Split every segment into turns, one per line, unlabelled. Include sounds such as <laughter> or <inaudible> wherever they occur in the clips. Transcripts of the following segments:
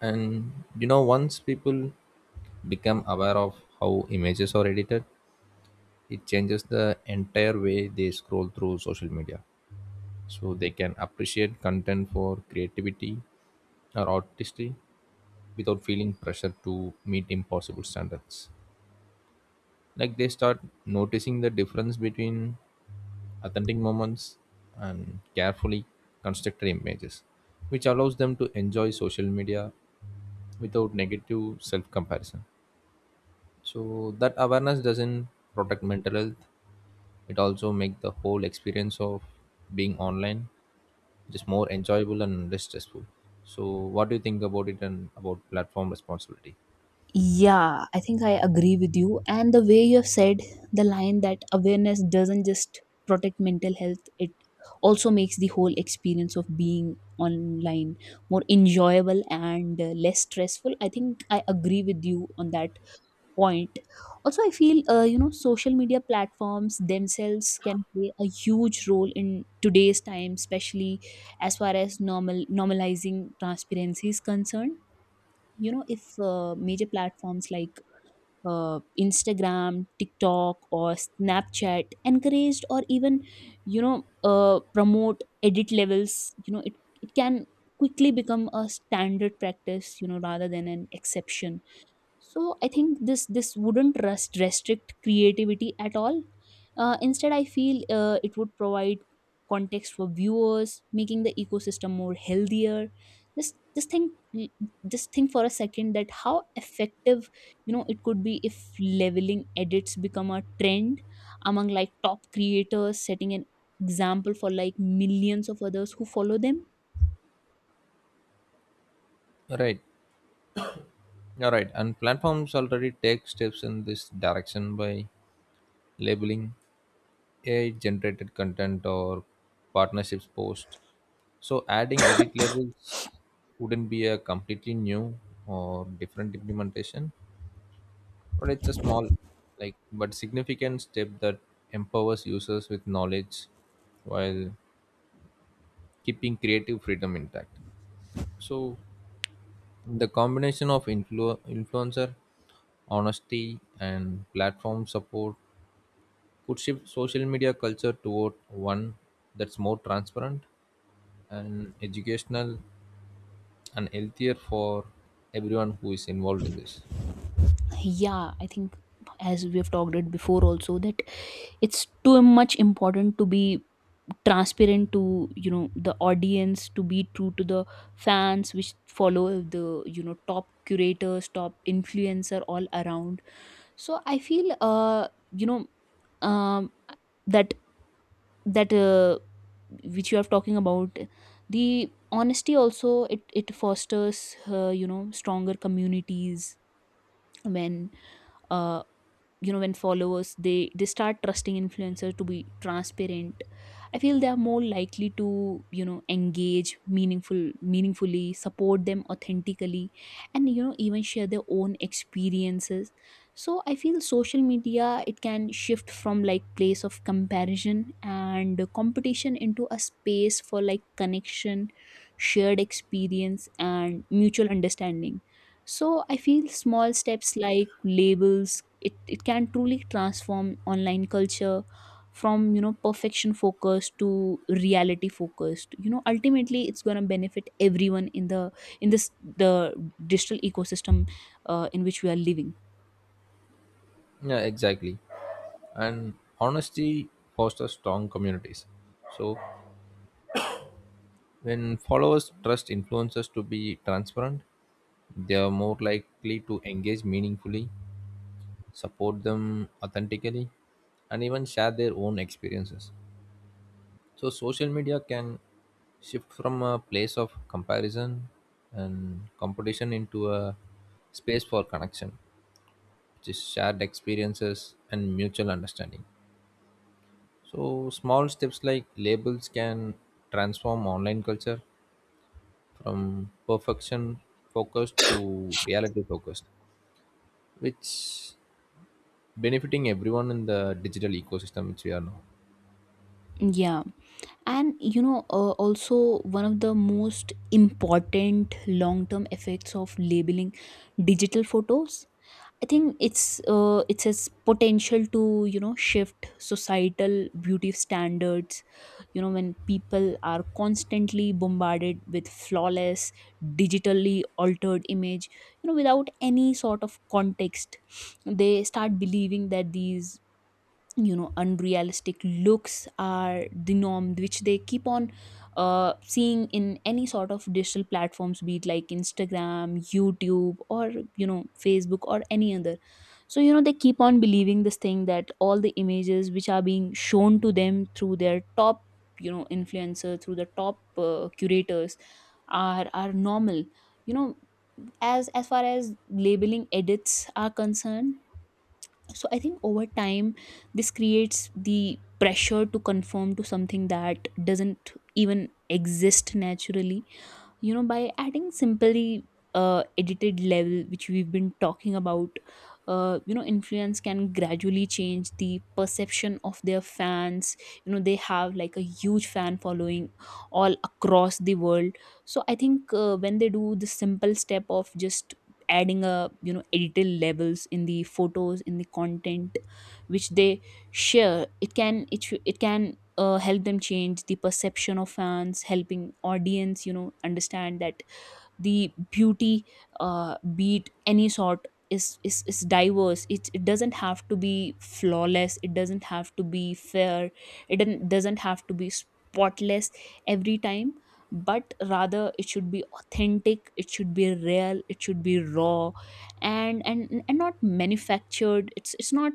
And you know, once people become aware of how images are edited, it changes the entire way they scroll through social media. So they can appreciate content for creativity or artistry without feeling pressure to meet impossible standards. Like they start noticing the difference between authentic moments and carefully constructed images, which allows them to enjoy social media without negative self comparison. So that awareness doesn't protect mental health, it also make the whole experience of being online just more enjoyable and less stressful. So what do you think about it and about platform responsibility?
Yeah, I think I agree with you. And the way you have said the line that awareness doesn't just protect mental health, it also makes the whole experience of being online more enjoyable and less stressful. I think I agree with you on that point. Also, I feel, social media platforms themselves can play a huge role in today's time, especially as far as normalizing transparency is concerned. If major platforms like Instagram, TikTok, or Snapchat encouraged or even, you know promote edit levels, you know it, it can quickly become a standard practice, rather than an exception. So I think this wouldn't restrict creativity at all. Instead, I feel it would provide context for viewers, making the ecosystem more healthier. Just just think just think for a second that how effective, it could be if leveling edits become a trend among like top creators, setting an example for like millions of others who follow them.
Right. All right, and platforms already take steps in this direction by labeling ai generated content or partnerships post, so adding edit labels wouldn't be a completely new or different implementation, but it's a small like but significant step that empowers users with knowledge while keeping creative freedom intact. So the combination of influencer honesty and platform support could shift social media culture toward one that's more transparent and educational and healthier for everyone who is involved in this.
Yeah, I think as we have talked it before also that it's too much important to be transparent to, the audience, to be true to the fans which follow the top curators, top influencer all around. So I feel um that that which you are talking about, the honesty, also it fosters, stronger communities. When uh you know when followers, they start trusting influencers to be transparent, I feel they are more likely to, engage meaningfully, support them authentically, and, even share their own experiences. So I feel social media, it can shift from like place of comparison and competition into a space for like connection, shared experience, and mutual understanding. So I feel small steps like labels, it can truly transform online culture from, perfection focused to reality focused. Ultimately, it's going to benefit everyone in the in this the digital ecosystem, in which we are living.
Yeah, exactly. And honesty fosters strong communities. So when followers trust influencers to be transparent, they are more likely to engage meaningfully, support them authentically, and even share their own experiences. So social media can shift from a place of comparison and competition into a space for connection, which is shared experiences and mutual understanding. So, small steps like labels can transform online culture from perfection focused to reality focused, which benefiting everyone in the digital ecosystem which we are now.
Yeah. And, also, one of the most important long term effects of labeling digital photos, I think it has potential to, shift societal beauty standards. When people are constantly bombarded with flawless, digitally altered image, without any sort of context, they start believing that these, unrealistic looks are the norm, which they keep on seeing in any sort of digital platforms, be it like Instagram, YouTube, or, Facebook, or any other. So, they keep on believing this thing, that all the images which are being shown to them through their top, influencer, through the top curators, are normal, you know as far as labeling edits are concerned. So I think, over time, this creates the pressure to conform to something that doesn't even exist naturally. By adding simply edited level which we've been talking about, influence can gradually change the perception of their fans. They have like a huge fan following all across the world. So I think when they do the simple step of just adding a, editorial levels in the photos, in the content which they share, it can help them change the perception of fans, helping audience, understand that the beauty, beat any sort, is diverse. It doesn't have to be flawless, it doesn't have to be fair, it doesn't have to be spotless every time. But rather it should be authentic, it should be real, it should be raw, and and not manufactured. It's not.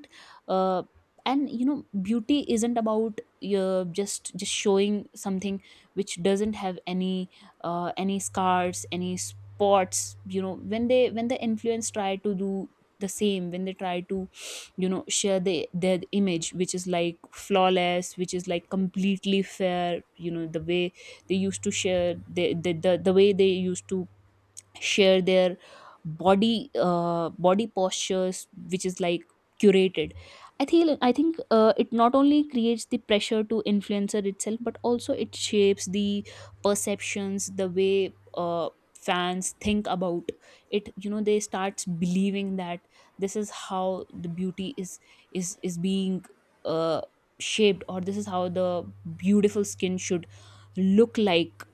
Uh, and, beauty isn't about, just showing something which doesn't have any scars, any spots. When the influence try to do the same, when they try to, share their image, which is like flawless, which is like completely fair. The way they used to share the way they used to share their body, body postures which is like curated. I think it not only creates the pressure to influencer itself, but also it shapes the perceptions, the way fans think about it. They starts believing that this is how the beauty is being, uh, shaped, or this is how the beautiful skin should look like.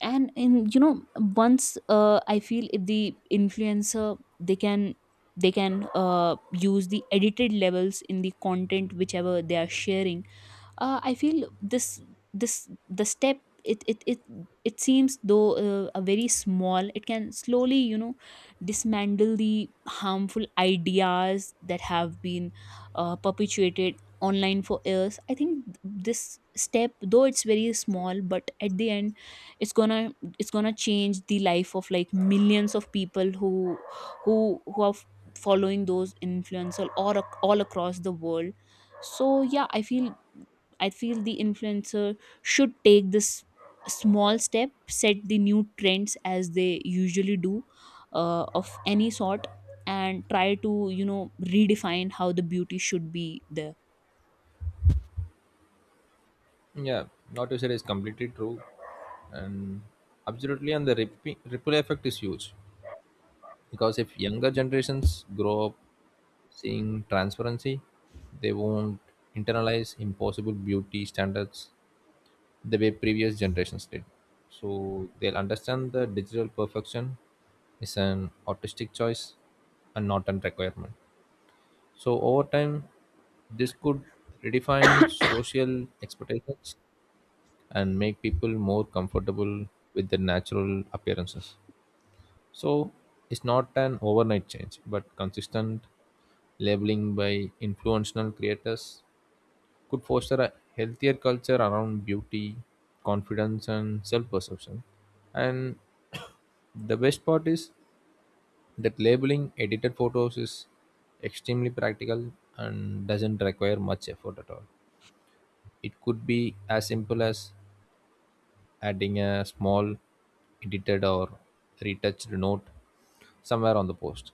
And in you know once, I feel if the influencer they can, they can use the edited levels in the content whichever they are sharing, I feel this, the step, it it it, it seems though a very small, it can slowly, dismantle the harmful ideas that have been perpetuated online for years. I think this step, though it's very small, but at the end it's gonna it's gonna change the life of like millions of people who are following those influencers all across the world. So yeah, I feel the influencer should take this small step, set the new trends as they usually do, of any sort, and try to, redefine how the beauty should be there.
Yeah, what you said is completely true, and absolutely, and the ripple effect is huge because if younger generations grow up seeing transparency, they won't internalize impossible beauty standards the way previous generations did. So they'll understand that digital perfection is an artistic choice and not a requirement. So over time, this could redefine social expectations and make people more comfortable with their natural appearances. So it's not an overnight change, but consistent labeling by influential creators could foster a healthier culture around beauty, confidence, and self perception. And the best part is that labeling edited photos is extremely practical and doesn't require much effort at all. It could be as simple as adding a small edited or retouched note somewhere on the post.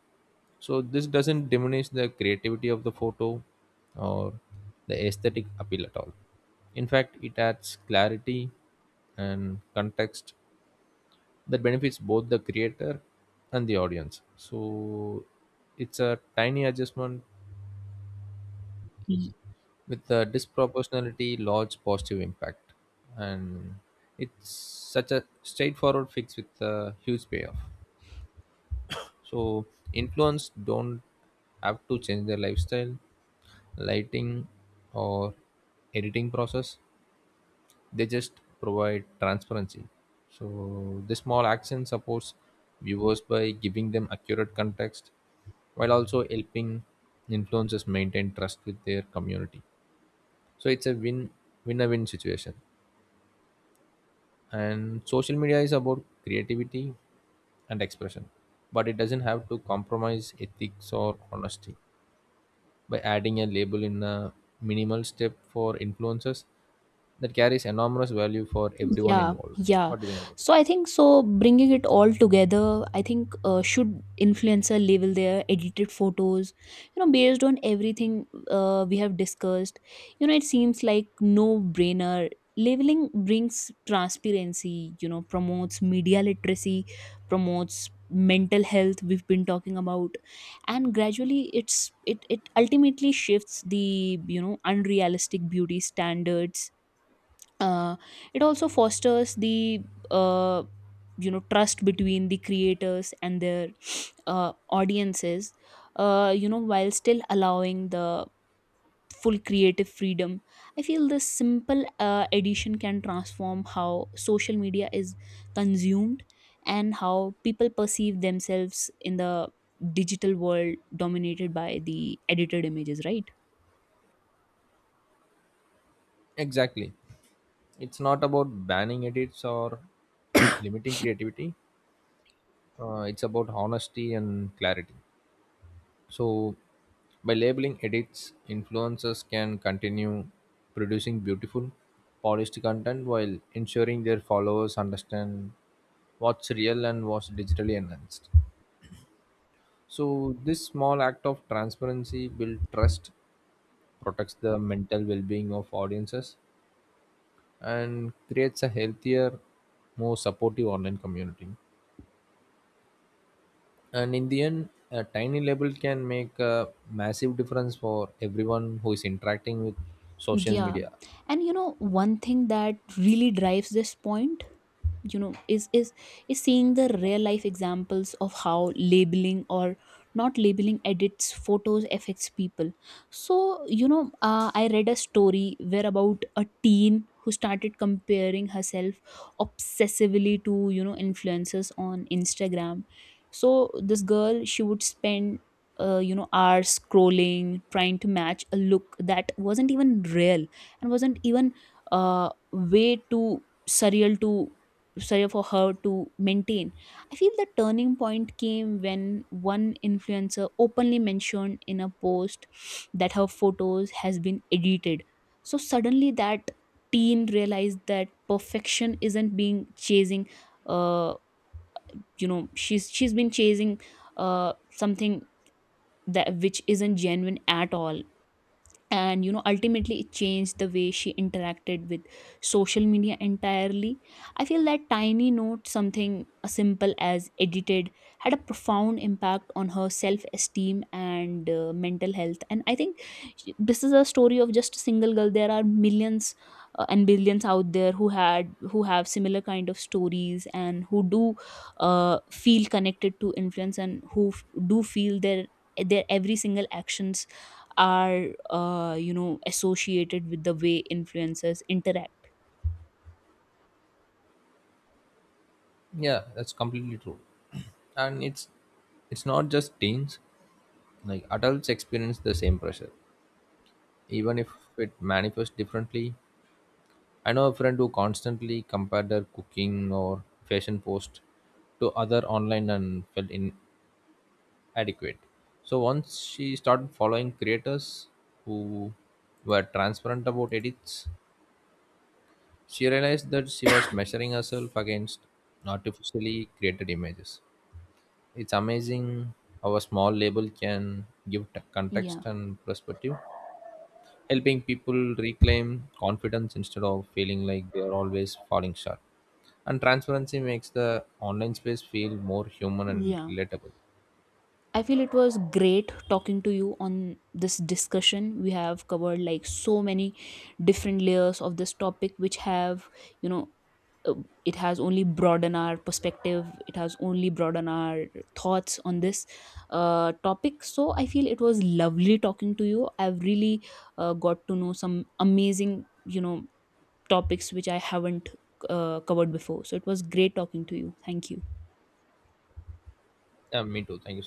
So this doesn't diminish the creativity of the photo or the aesthetic appeal at all. In fact, it adds clarity and context that benefits both the creator and the audience. So it's a tiny adjustment with the disproportionality large positive impact, and it's such a straightforward fix with a huge payoff. So influence don't have to change their lifestyle, lighting, or editing process. They just provide transparency. So this small action supports viewers by giving them accurate context while also helping influencers maintain trust with their community. So it's a win situation. And social media is about creativity and expression, but it doesn't have to compromise ethics or honesty. By adding a label in a minimal step for influencers, that carries enormous value for everyone
Yeah,
involved.
yeah.
What do you think about it?
So I think, so bringing it all together, I think, should influencer label their edited photos, based on everything we have discussed. It seems like no brainer. Labeling brings transparency, promotes media literacy, promotes mental health we've been talking about, and gradually it ultimately shifts the, unrealistic beauty standards. Uh, it also fosters the, uh, trust between the creators and their <sniffs> audiences, while still allowing the full creative freedom. I feel this simple addition can transform how social media is consumed, and how people perceive themselves in the digital world dominated by the edited images, right?
Exactly. It's not about banning edits or limiting creativity. It's about honesty and clarity. So, by labeling edits, influencers can continue producing beautiful, polished content while ensuring their followers understand what's real and what's digitally enhanced. So, this small act of transparency builds trust, protects the mental well being of audiences, and creates a healthier, more supportive online community. And in the end a tiny label can make a massive difference for everyone who is interacting with social
Yeah.
media.
And, one thing that really drives this point, you know, is is is seeing the real life examples of how labeling or not labeling edits photos affects people. So, I read a story where about a teen who started comparing herself obsessively to, influencers on Instagram. So this girl, she would spend, hours scrolling, trying to match a look that wasn't even real and wasn't even, way too surreal to surreal for her to maintain. I feel the turning point came when one influencer openly mentioned in a post that her photos has been edited. So, suddenly, that teen realized that perfection isn't being chasing. Uh you know she's she's been chasing something that which isn't genuine at all. And, ultimately, it changed the way she interacted with social media entirely. I feel that tiny note, something as simple as edited, had a profound impact on her self esteem and mental health. And I think, this is a story of just a single girl. There are millions, and billions out there who have similar kind of stories, and who do feel connected to influence, and who do feel their every single actions are, associated with the way influencers interact.
Yeah, that's completely true. <clears throat> And it's not just teens, like adults experience the same pressure even if it manifests differently. I know a friend who constantly compared her cooking or fashion post to other online and felt in adequate. So once she started following creators who were transparent about edits, she realized that she was measuring herself against artificially created images. It's amazing how a small label can give context
Yeah,
and perspective, helping people reclaim confidence instead of feeling like they are always falling short. And transparency makes the online space feel more human and
yeah.
relatable.
I feel it was great talking to you on this discussion. We have covered like so many different layers of this topic, which have you know uh, it has only broadened our perspective, it has only broadened our thoughts on this topic. So I feel it was lovely talking to you. I've really got to know some amazing, topics which I haven't covered before. So it was great talking to you. Thank you.
Yeah, me too. Thank you